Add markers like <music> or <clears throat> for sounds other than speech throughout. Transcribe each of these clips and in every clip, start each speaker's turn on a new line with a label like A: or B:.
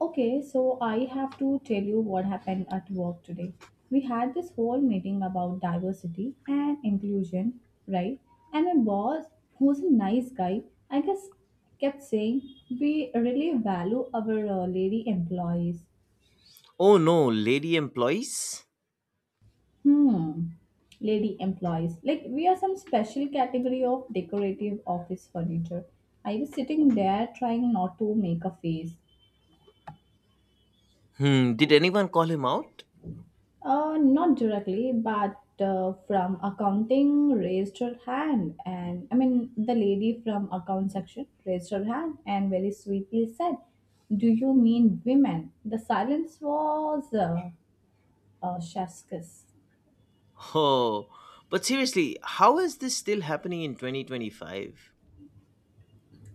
A: Okay, so I have to tell you what happened at work today. We had this whole meeting about diversity and inclusion, right? And my boss, who's a nice guy, I guess kept saying, we really value our lady employees.
B: Oh no, lady employees?
A: Hmm, lady employees. Like, we are some special category of decorative office furniture. I was sitting there trying not to make a face.
B: Hmm, did anyone call him out?
A: Not directly, but from accounting raised her hand, and the lady from account section raised her hand and very sweetly said, "Do you mean women?" The silence was a chef's kiss.
B: Oh, but seriously, how is this still happening in 2025?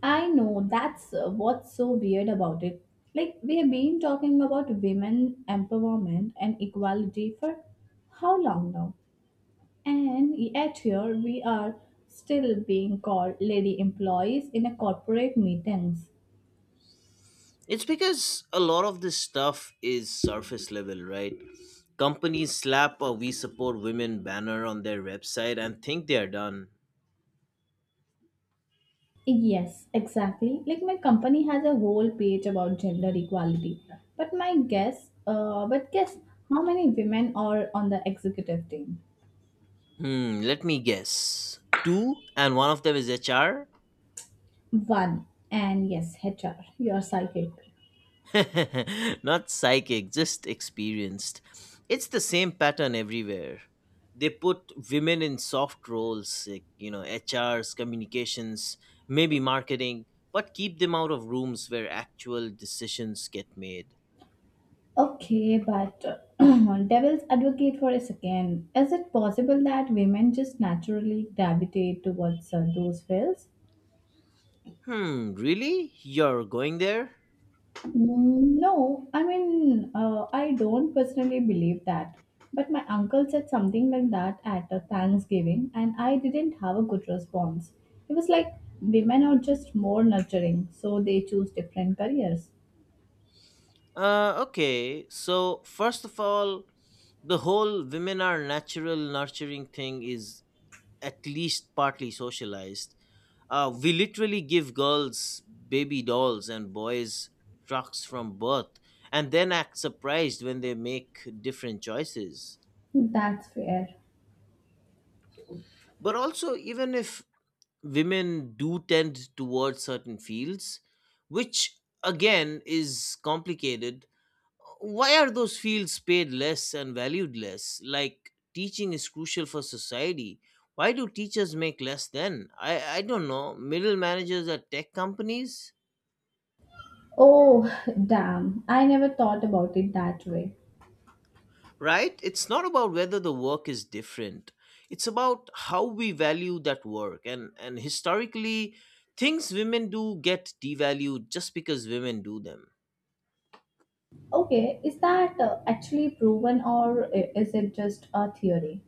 A: I know that's what's so weird about it. Like we have been talking about women empowerment and equality for how long now? And yet here we are still being called lady employees in a corporate meetings.
B: It's because a lot of this stuff is surface level, right? Companies slap a We Support Women banner on their website and think they are done.
A: Yes, exactly. Like my company has a whole page about gender equality. But but guess how many women are on the executive team?
B: Hmm, let me guess. Two, and one of them is HR?
A: One. And yes, HR, you're psychic.
B: <laughs> Not psychic, just experienced. It's the same pattern everywhere. They put women in soft roles, like, you know, HRs, communications, maybe marketing, but keep them out of rooms where actual decisions get made.
A: Okay, but <clears throat> devil's advocate for a second. Is it possible that women just naturally gravitate towards those fields?
B: Hmm, really? You're going there?
A: No, I don't personally believe that. But my uncle said something like that at a Thanksgiving, and I didn't have a good response. It was like women are just more nurturing, so they choose different careers.
B: Okay. So, first of all, the whole women are natural nurturing thing is at least partly socialized. We literally give girls baby dolls and boys trucks from birth and then act surprised when they make different choices.
A: That's fair.
B: But also, even if women do tend towards certain fields, which again is complicated, why are those fields paid less and valued less? Like teaching is crucial for society. Why do teachers make less then? I don't know. Middle managers at tech companies?
A: Oh, damn. I never thought about it that way.
B: Right? It's not about whether the work is different. It's about how we value that work. And historically, things women do get devalued just because women do them.
A: Okay, is that actually proven or is it just a theory?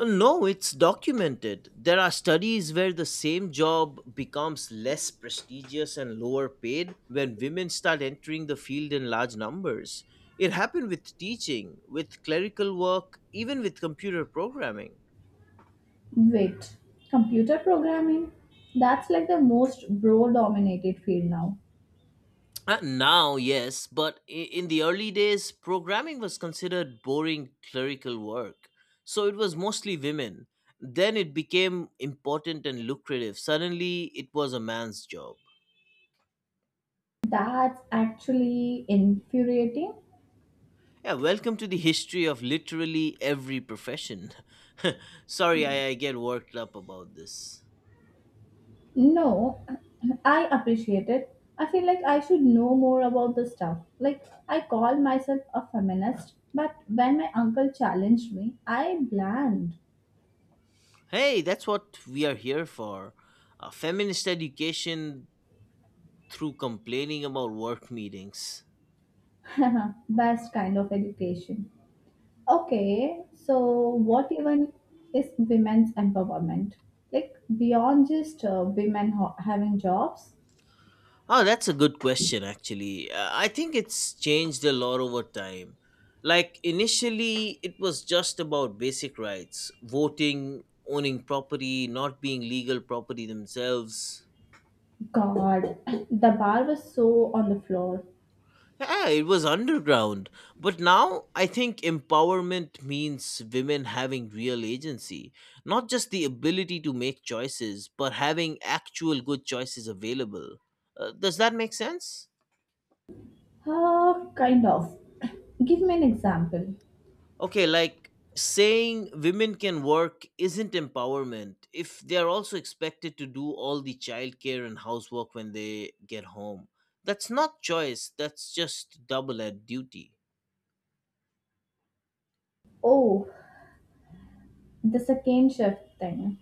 B: No, it's documented. There are studies where the same job becomes less prestigious and lower paid when women start entering the field in large numbers. It happened with teaching, with clerical work, even with computer programming.
A: Wait, computer programming? That's like the most bro dominated field now.
B: Now, yes, but in the early days, programming was considered boring clerical work. So it was mostly women. Then it became important and lucrative. Suddenly, it was a man's job.
A: That's actually infuriating.
B: Yeah, welcome to the history of literally every profession. <laughs> Sorry, I get worked up about this.
A: No, <clears throat> I appreciate it. I feel like I should know more about the stuff. Like, I call myself a feminist, but when my uncle challenged me, I bland.
B: Hey, that's what we are here for. Feminist education through complaining about work meetings.
A: <laughs> Best kind of education. Okay, so what even is women's empowerment? Like beyond just women having jobs?
B: Oh, that's a good question, actually. I think it's changed a lot over time. Like, initially, it was just about basic rights voting, owning property, not being legal property themselves.
A: God, <coughs> the bar was so on the floor.
B: Yeah, it was underground. But now I think empowerment means women having real agency. Not just the ability to make choices, but having actual good choices available. Does that make sense?
A: Ah, kind of. <coughs> Give me an example.
B: Okay, like saying women can work isn't empowerment if they are also expected to do all the childcare and housework when they get home. That's not choice, that's just double at duty.
A: Oh, the second shift thing.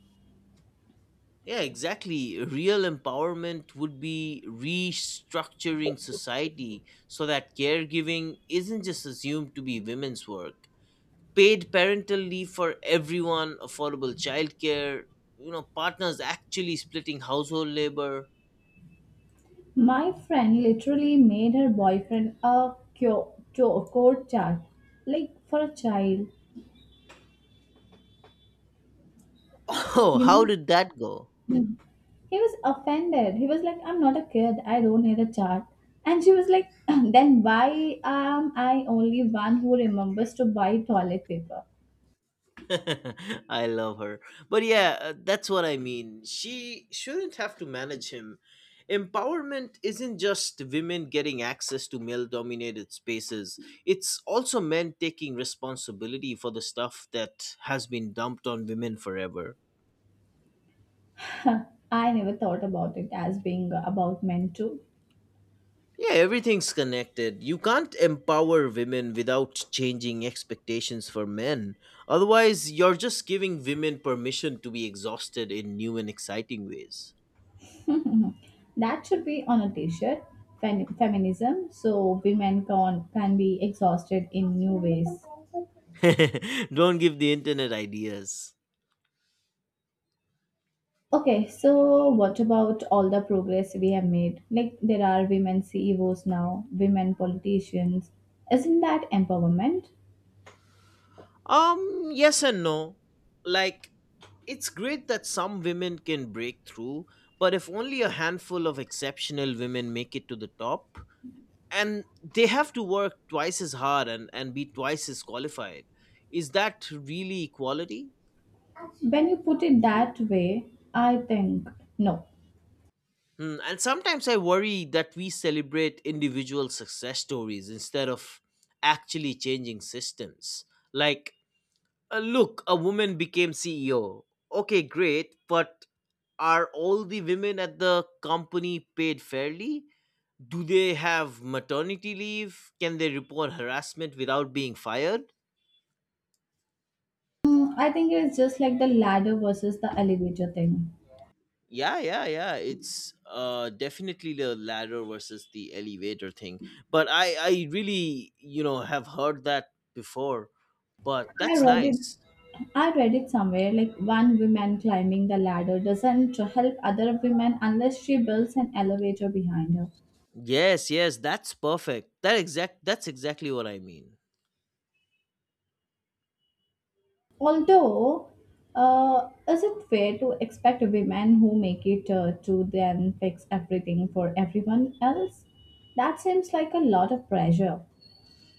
B: Yeah, exactly. Real empowerment would be restructuring society so that caregiving isn't just assumed to be women's work. Paid parental leave for everyone, affordable childcare, partners actually splitting household labor. <laughs>
A: My friend literally made her boyfriend a cure, code chart, like for a child,
B: Oh,
A: you
B: how
A: know?
B: did that go?
A: He was offended. He was like, I'm not a kid. I don't need a chart. And she was like, <clears throat> then why am I only one who remembers to buy toilet paper?
B: <laughs> I love her. But yeah, that's what I mean. She shouldn't have to manage him. Empowerment isn't just women getting access to male dominated spaces, it's also men taking responsibility for the stuff that has been dumped on women forever.
A: <laughs> I never thought about it as being about men too.
B: Yeah, everything's connected. You can't empower women without changing expectations for men. Otherwise, you're just giving women permission to be exhausted in new and exciting ways.
A: <laughs> That should be on a t-shirt. Feminism. So women can be exhausted in new ways.
B: <laughs> Don't give the internet ideas.
A: Okay, so what about all the progress we have made? Like there are women CEOs now, women politicians. Isn't that empowerment?
B: Yes and no. Like, it's great that some women can break through, but if only a handful of exceptional women make it to the top, and they have to work twice as hard and be twice as qualified, is that really equality?
A: When you put it that way, I think no.
B: Hmm, and sometimes I worry that we celebrate individual success stories instead of actually changing systems. Like, uh, look, a woman became CEO. Okay, great, but are all the women at the company paid fairly? Do they have maternity leave? Can they report harassment without being fired?
A: Mm, I think it's just like the ladder versus the elevator thing.
B: Yeah, yeah, yeah. It's definitely the ladder versus the elevator thing. But I really, you know, have heard that before. But
A: I
B: that's
A: read it.
B: nice.
A: I read it somewhere like one woman climbing the ladder doesn't help other women unless she builds an elevator behind her.
B: Yes, yes, that's perfect. That exact. That's exactly what I mean.
A: Although, is it fair to expect women who make it to then fix everything for everyone else? That seems like a lot of pressure.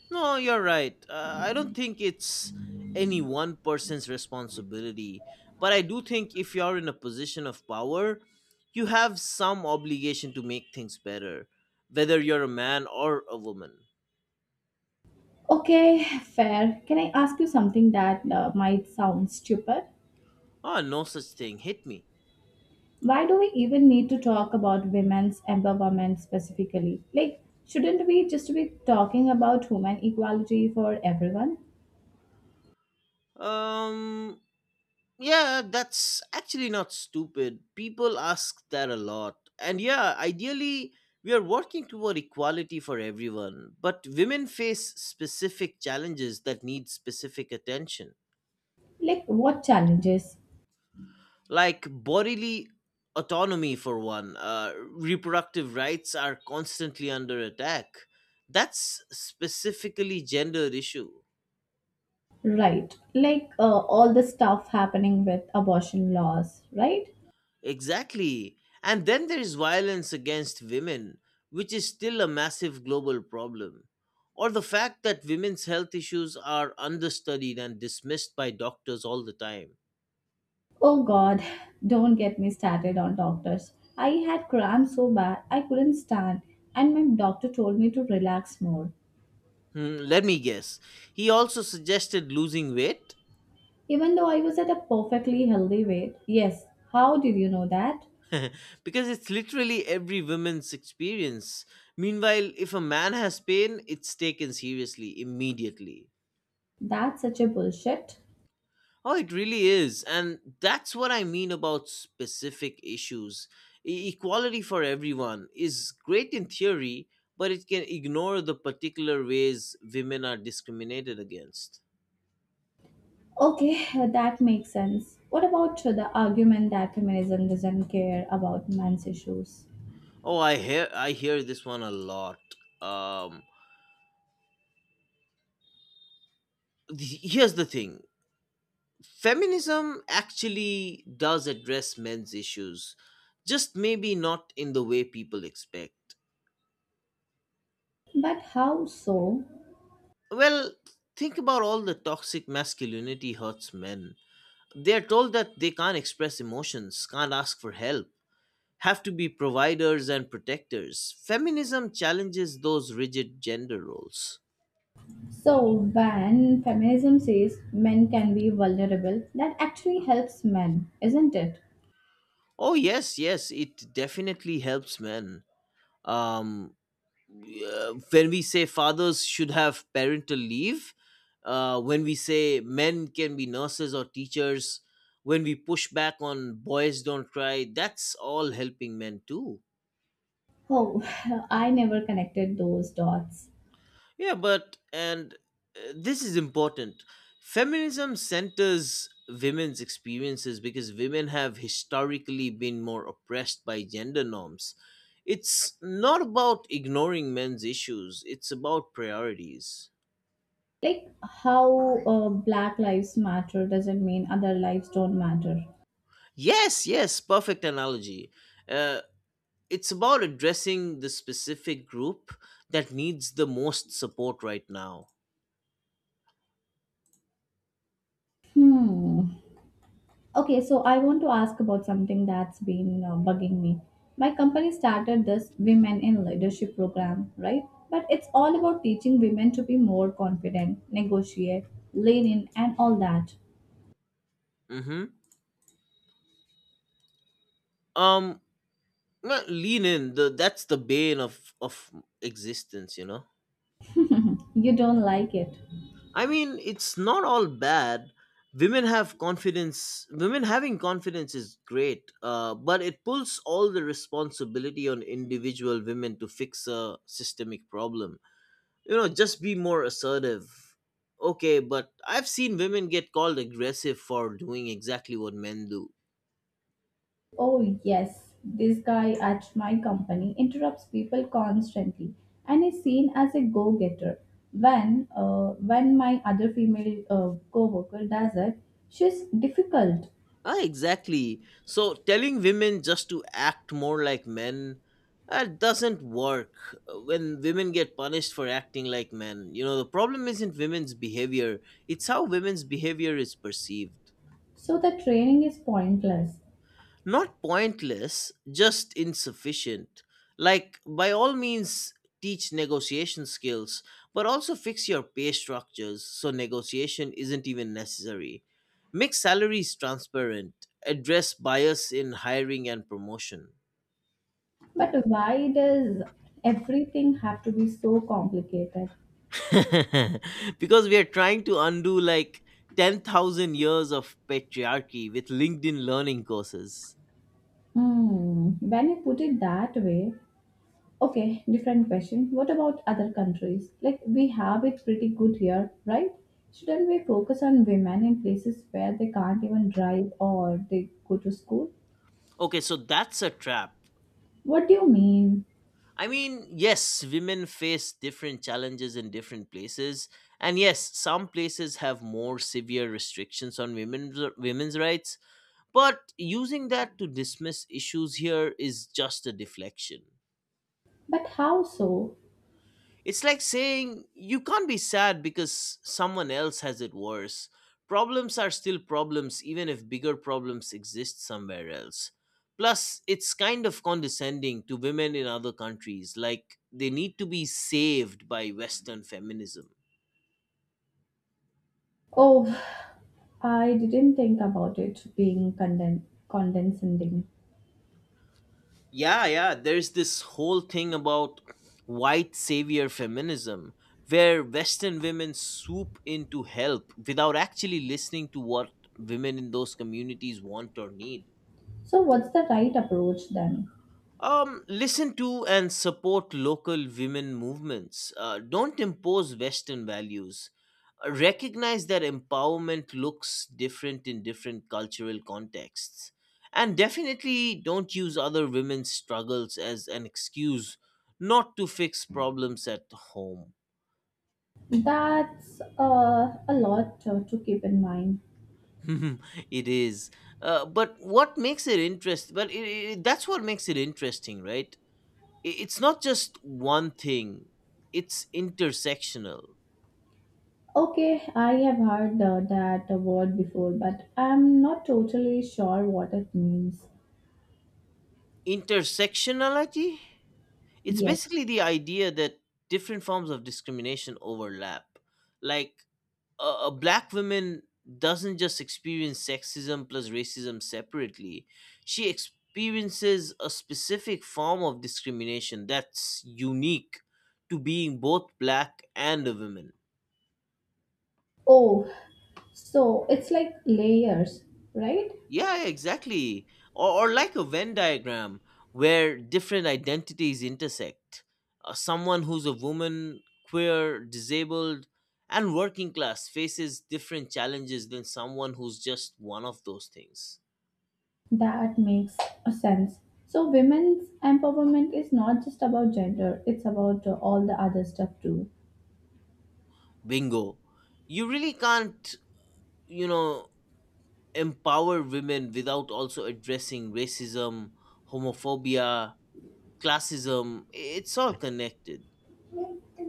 B: No, you're right. I don't think it's any one person's responsibility. But I do think if you're in a position of power, you have some obligation to make things better, whether you're a man or a woman.
A: Okay, fair. Can I ask you something that might sound stupid?
B: Ah, no such thing. Hit me.
A: Why do we even need to talk about women's empowerment specifically? Like, shouldn't we just be talking about women equality for everyone?
B: Um, Yeah, that's actually not stupid. People ask that a lot. And yeah, ideally, we are working toward equality for everyone, but women face specific challenges that need specific attention,
A: Like, what challenges?
B: like bodily autonomy, for one. Reproductive rights are constantly under attack. That's specifically gender issue.
A: Right. Like, all the stuff happening with abortion laws, right?
B: Exactly. And then there is violence against women, which is still a massive global problem. Or the fact that women's health issues are understudied and dismissed by doctors all the time.
A: Oh God, don't get me started on doctors. I had cramps so bad I couldn't stand, and my doctor told me to relax more.
B: Hmm, let me guess. He also suggested losing weight?
A: Even though I was at a perfectly healthy weight. Yes, how did you know that?
B: <laughs> Because it's literally every woman's experience. Meanwhile, if a man has pain, it's taken seriously immediately.
A: That's such a bullshit.
B: Oh, it really is. And that's what I mean about specific issues. Equality for everyone is great in theory, but it can ignore the particular ways women are discriminated against.
A: Okay, that makes sense. What about the argument that feminism doesn't care about men's issues?
B: Oh, I hear this one a lot. Um Here's the thing. Feminism actually does address men's issues, just maybe not in the way people expect.
A: But how so?
B: Well, think about all the toxic masculinity hurts men. They are told that they can't express emotions, can't ask for help, have to be providers and protectors. Feminism challenges those rigid gender roles.
A: So, when feminism says men can be vulnerable, that actually helps men, isn't it?
B: Oh, yes, yes, it definitely helps men. Um, when we say fathers should have parental leave, when we say men can be nurses or teachers, when we push back on boys don't cry, that's all helping men too.
A: Oh, <sighs> <laughs> I never connected those dots.
B: Yeah, but and this is important. Feminism centers women's experiences because women have historically been more oppressed by gender norms. It's not about ignoring men's issues, it's about priorities.
A: Like how Black Lives Matter doesn't mean other lives don't matter.
B: Yes, yes, perfect analogy. Uh, it's about addressing the specific group that needs the most support right now.
A: Hmm. Okay, so I want to ask about something that's been bugging me. My company started this Women in Leadership program, right? But it's all about teaching women to be more confident, negotiate, lean in, and all that.
B: Hmm. Um, Not lean in, the that's the bane of existence, you know.
A: <laughs> You don't like it.
B: I mean, it's not all bad. Women having confidence is great, but it pulls all the responsibility on individual women to fix a systemic problem. You know, just be more assertive. Okay, but I've seen women get called aggressive for doing exactly what men do.
A: Oh, yes, this guy at my company interrupts people constantly and is seen as a go getter. When my other female co worker does it, she's difficult.
B: Ah, exactly. So telling women just to act more like men, that doesn't work when women get punished for acting like men. You know, the problem isn't women's behavior, it's how women's behavior is perceived.
A: So the training is pointless.
B: Not pointless, just insufficient. Like, by all means, teach negotiation skills, but also fix your pay structures so negotiation isn't even necessary. Make salaries transparent, address bias in hiring and promotion.
A: But why does everything have to be so complicated?
B: <laughs> Because we are trying to undo like 10,000 years of patriarchy with LinkedIn learning courses.
A: Hmm, when you put it that way, okay, different question. What about other countries? Like we have it pretty good here, right? Shouldn't we focus on women in places where they can't even drive or they go to school?
B: Okay, so that's a trap.
A: What do you mean?
B: I mean, yes, women face different challenges in different places, and yes, some places have more severe restrictions on women's rights. But using that to dismiss issues here is just a deflection.
A: But how so?
B: It's like saying you can't be sad because someone else has it worse. Problems are still problems, even if bigger problems exist somewhere else. Plus, it's kind of condescending to women in other countries, like they need to be saved by Western feminism.
A: Oh, <sighs> I didn't think about it being condescending.
B: Yeah, yeah, there's this whole thing about white savior feminism, where Western women swoop in to help without actually listening to what women in those communities want or need.
A: So, what's the right approach then?
B: Listen to and support local women movements. Don't impose Western values. Recognize that empowerment looks different in different cultural contexts. And definitely don't use other women's struggles as an excuse not to fix problems at home.
A: That's a lot to keep in mind.
B: <laughs> It is. But what makes it interest? But that's what makes it interesting, right? It's not just one thing, it's intersectional.
A: Okay, I have heard that word before, but I'm not totally sure what it means
B: Intersectionality, it's
A: yet.
B: basically the idea that different forms of discrimination overlap. Like, a black woman doesn't just experience sexism plus racism separately, she experiences a specific form of discrimination that's unique to being both black and a woman.
A: Oh, so it's like layers, right?
B: Yeah, exactly. Or like a Venn diagram where different identities intersect. Someone who's a woman, queer, disabled, and working class faces different challenges than someone who's just one of those things.
A: That makes a sense. So, women's empowerment is not just about gender, it's about all the other stuff too.
B: Bingo. You really can't, you know, empower women without also addressing racism, homophobia, classism. It's all connected.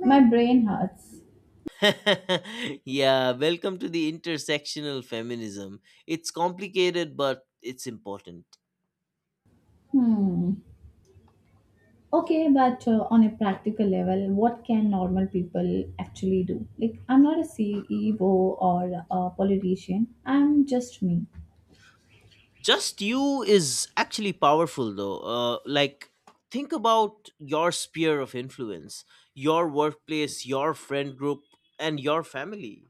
A: My brain hurts.
B: <laughs> Yeah, welcome to the intersectional feminism. It's complicated, but it's important.
A: Hmm. Okay, but on a practical level, what can normal people actually do? Like, I'm not a CEO or a politician, I'm just me.
B: Just you is actually powerful, though. Like, think about your sphere of influence, your workplace, your friend group, and your family.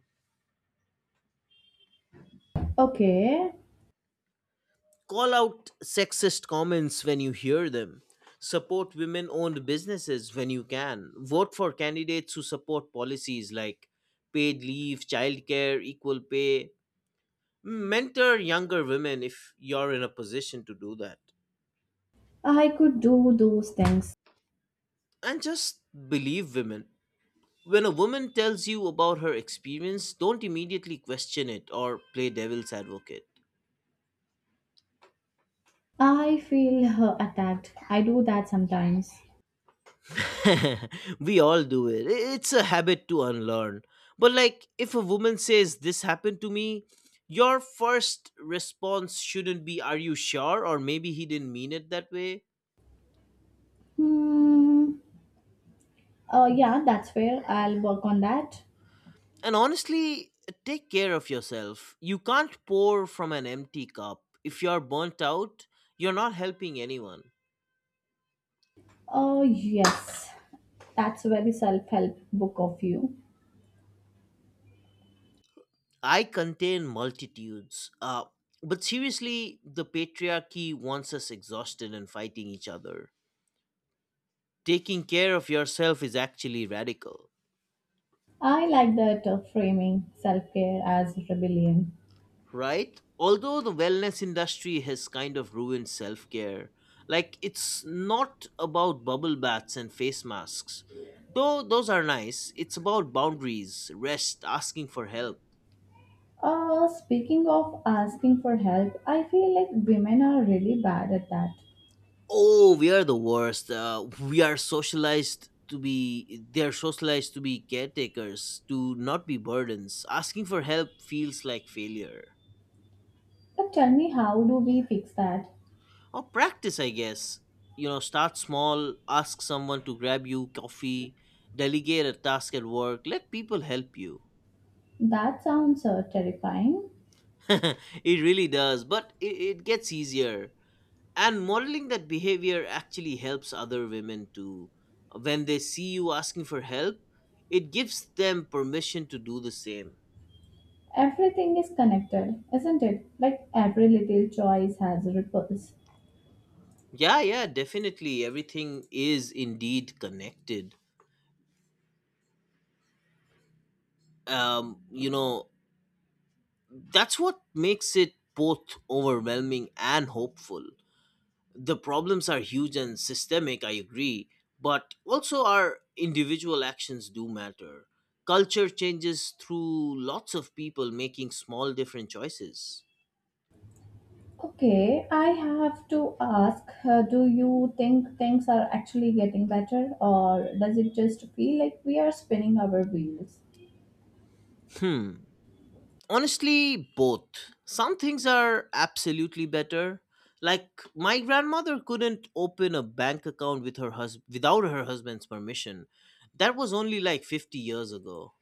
A: Okay,
B: Call out sexist comments when you hear them. Support women owned businesses when you can. Vote for candidates who support policies like paid leave, childcare, equal pay, mentor younger women if you're in a position to do that,
A: I could do those things.
B: and just believe women. When a woman tells you about her experience, don't immediately question it or play devil's advocate.
A: I feel attacked. I do that sometimes.
B: <laughs> We all do it. It's a habit to unlearn, but like if a woman says this happened to me, your first response shouldn't be, are you sure, or maybe he didn't mean it that way.
A: Hmm. Yeah, that's fair. I'll work on that.
B: And honestly, take care of yourself. You can't pour from an empty cup. If you're burnt out, you're not helping anyone.
A: Oh, yes. That's a very self help book of you.
B: I contain multitudes. But seriously, the patriarchy wants us exhausted and fighting each other. Taking care of yourself is actually radical.
A: I like that framing self care as rebellion.
B: Right? Although the wellness industry has kind of ruined self care, like it's not about bubble baths and face masks. Though those are nice, it's about boundaries, rest, asking for help.
A: Speaking of asking for help, I feel like women are really bad at that.
B: Oh, we are the worst. We are socialized to be, they are socialized to be caretakers, to not be burdens. Asking for help feels like failure.
A: But tell me, how do we fix that?
B: Or practice, I guess. You know, start small, ask someone to grab you coffee, delegate a task at work, let people help you.
A: That sounds terrifying.
B: <laughs> It really does, but it gets easier, and modeling that behavior actually helps other women too. When they see you asking for help, it gives them permission to do the same.
A: Everything is connected, isn't it? Like every little choice has ripples.
B: Yeah, yeah, definitely, everything is indeed connected. um you know that's what makes it both overwhelming and hopeful. The problems are huge and systemic, I agree, but also our individual actions do matter. Culture changes through lots of people making small different choices.
A: Okay, I have to ask do you think things are actually getting better, or does it just feel like we are spinning our wheels?
B: Hmm. Honestly, both. Some things are absolutely better. Like my grandmother couldn't open a bank account with her without her husband's permission. That was only like 50 years ago.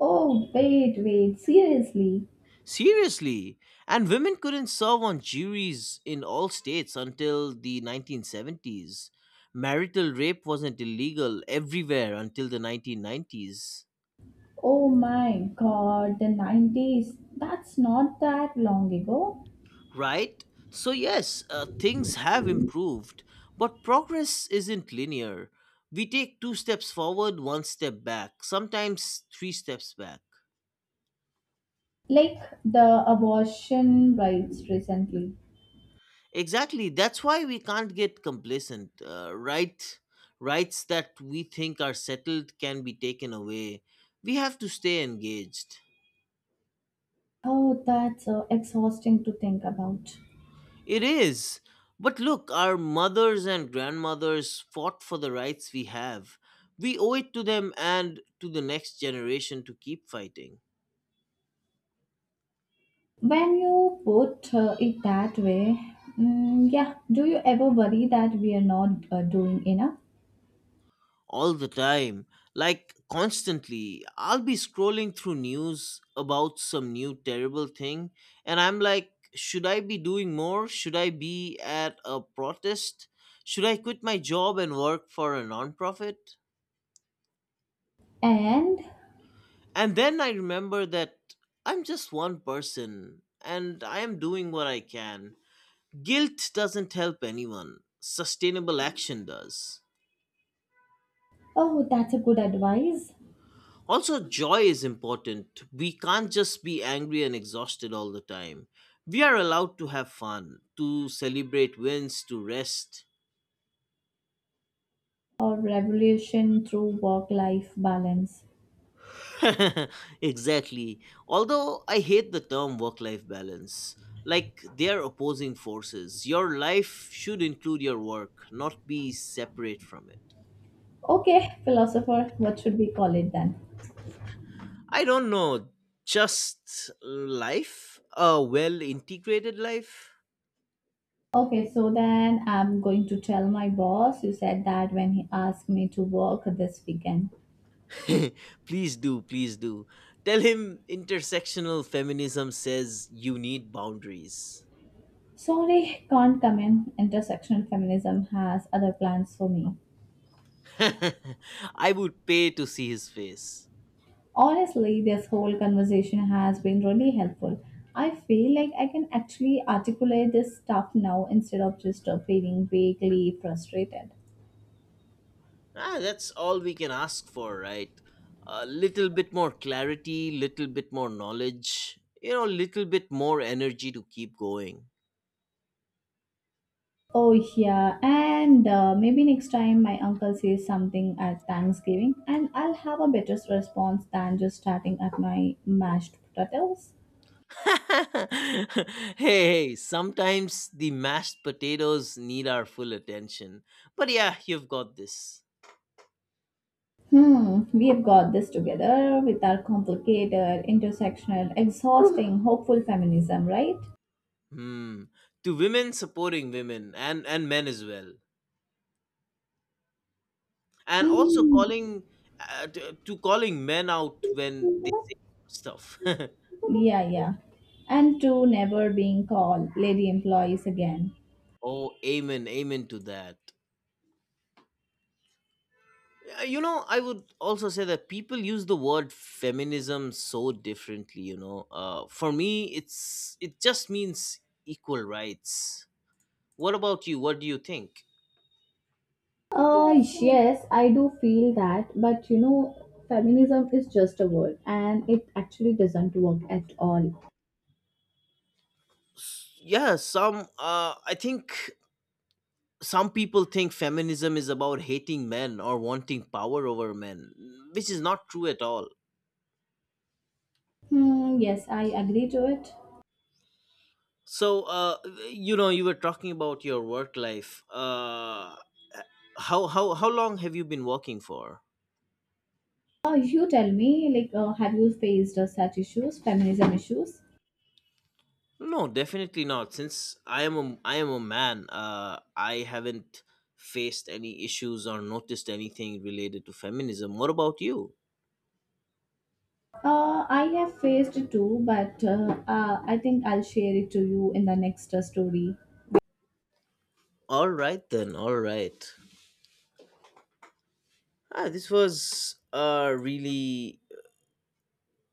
A: Oh, wait, wait, seriously.
B: Seriously, and women couldn't serve on juries in all states until the 1970s. Marital rape wasn't illegal everywhere until the 1990s.
A: Oh my god, the 90s. That's not that long ago.
B: Right? So, yes, things have improved, but progress isn't linear. We take two steps forward, one step back, sometimes three steps back.
A: Like the abortion rights recently.
B: Exactly. That's why we can't get complacent. Right, rights that we think are settled can be taken away. We have to stay engaged.
A: Oh, that's exhausting to think about.
B: It is. But look, our mothers and grandmothers fought for the rights we have. We owe it to them and to the next generation to keep fighting.
A: When you put it that way, mm, yeah, do you ever worry that we are not doing enough?
B: All the time, like constantly. I'll be scrolling through news about some new terrible thing and I'm like, should I be doing more, should I be at a protest, should I quit my job and work for a nonprofit.
A: And
B: And then I remember that I'm just one person and I am doing what I can. Guilt doesn't help anyone, sustainable action does.
A: oh, that's a good advice
B: Also, joy is important. We can't just be angry and exhausted all the time. We are allowed to have fun, to celebrate wins, to rest.
A: or revolution through work life balance.
B: <laughs> Exactly. Although I hate the term work life balance. Like, they are opposing forces. Your life should include your work, not be separate from it.
A: Okay, philosopher, what should we call it then?
B: I don't know, just life? A well integrated life?
A: Okay, so then I'm going to tell my boss you said that when he asked me to work this weekend.
B: <laughs> Please do, please do. Tell him intersectional feminism says you need boundaries.
A: Sorry, can't come in. Intersectional feminism has other plans for me.
B: <laughs> I would pay to see his face.
A: Honestly, this whole conversation has been really helpful. I feel like I can actually articulate this stuff now instead of just feeling vaguely frustrated.
B: Ah, that's all we can ask for, right? A little bit more clarity, little bit more knowledge, you know, little bit more energy to keep going.
A: Oh, yeah. And maybe next time my uncle says something at Thanksgiving, and I'll have a better response than just starting at my mashed potatoes.
B: <laughs> Hey, hey, sometimes the mashed potatoes need our full attention. But yeah, you've got this.
A: Hmm, we have got this together with our complicated, intersectional, exhausting, <laughs> hopeful feminism, right?
B: Hmm. To women supporting women and men as well, and also
A: Mm,
B: calling to calling men out when they do stuff.
A: yeah, yeah. And to never being called lady employees again.
B: <laughs> Oh, amen, amen to that. You know, I would also say that people use the word feminism so differently. You know, for me, it just means equal rights. What about you? What do you think?
A: Uh, yes, I do feel that, but you know, feminism is just a word and it actually doesn't work at all.
B: Yeah, some. I think some people think feminism is about hating men or wanting power over men, which is not true at all.
A: Hmm, yes, I agree to it.
B: So, you know, you were talking about your work life. How long have you been working for?
A: You tell me, like, have you faced such issues, feminism issues?
B: No, definitely not. Since I am a man, I haven't faced any issues or noticed anything related to feminism. What about you?
A: I have faced it too, but I think I'll share it to you in the next story.
B: All right then. All right. Ah, this was a really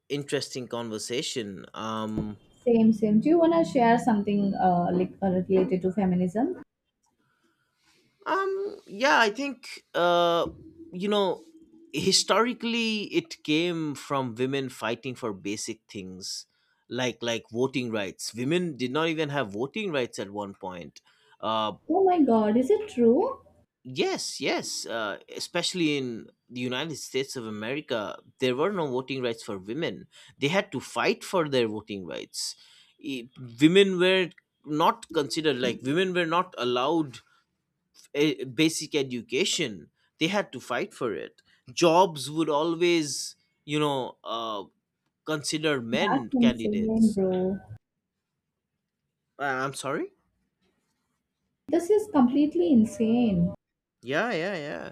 B: interesting conversation.
A: Same, same. Do you wanna share something like related to feminism?
B: Yeah, I think you know, historically it came from women fighting for basic things like voting rights. Women did not even have voting rights at one point. Uh,
A: Oh my God, is it true?
B: yes, yes, especially in the United States of America, there were no voting rights for women. They had to fight for their voting rights. I- Women were not considered, like women were not allowed basic education. They had to fight for it. Jobs would always, you know uh, consider
A: That's
B: men
A: insane,
B: candidates.
A: bro.
B: I'm sorry.
A: This is completely insane.
B: Yeah, yeah, yeah,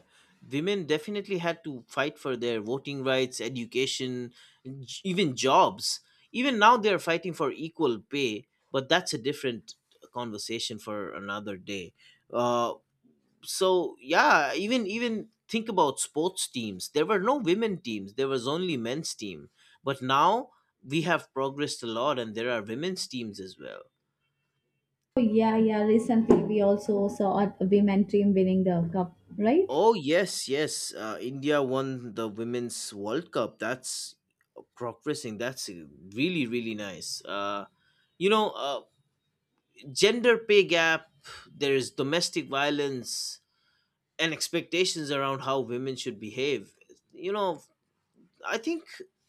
B: women definitely had to fight for their voting rights, education, even jobs. Even now they're fighting for equal pay, but that's a different conversation for another day. uh, so yeah, even think about sports teams, there were no women teams, there was only men's team, but now we have progressed a lot and there are women's teams as well.
A: So, yeah, yeah. Recently, we also saw a women team winning the cup, right?
B: Oh yes, yes, India won the women's world cup. That's progressing, that's really really nice. You know uh, Gender pay gap, there is domestic violence and expectations around how women should behave. You know, I think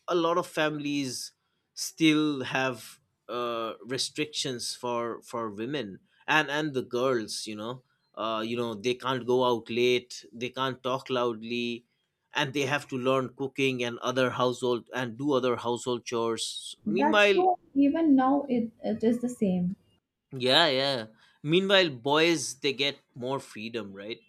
B: a lot of families still have restrictions for women and the girls. You know, they can't go out late, they can't talk loudly, and they have to learn cooking and other household and do other household chores.
A: That's
B: Meanwhile,
A: true. Even now, it is the same.
B: yeah, yeah. Meanwhile, boys, they get more freedom, right?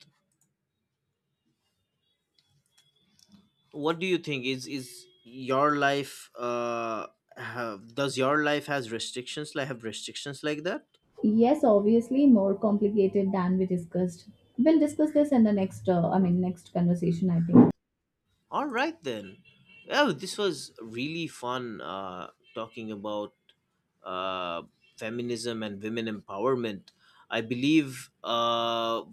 B: What do you think, is your life have, does your life has restrictions like have restrictions like that?
A: Yes, obviously, more complicated than we discussed. We'll discuss this in the next, next conversation, I think.
B: All right then. Well, this was really fun, talking about uh, feminism and women empowerment. I believe uh,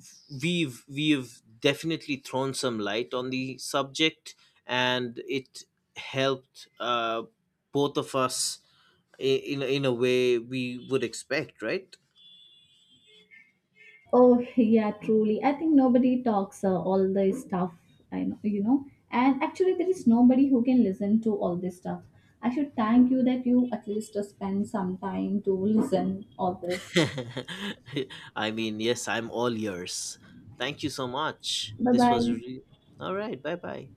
B: we've we've definitely thrown some light on the subject, and it helped, both of us, in a way we would expect, right?
A: Oh, yeah, truly. I think nobody talks all this stuff, I know, you know. And actually, there is nobody who can listen to all this stuff. I should thank you that you at least spend some time to listen all this.
B: <laughs> I mean, yes, I'm all yours. Thank you so much.
A: Bye
B: This
A: bye.
B: was really all right. Bye bye.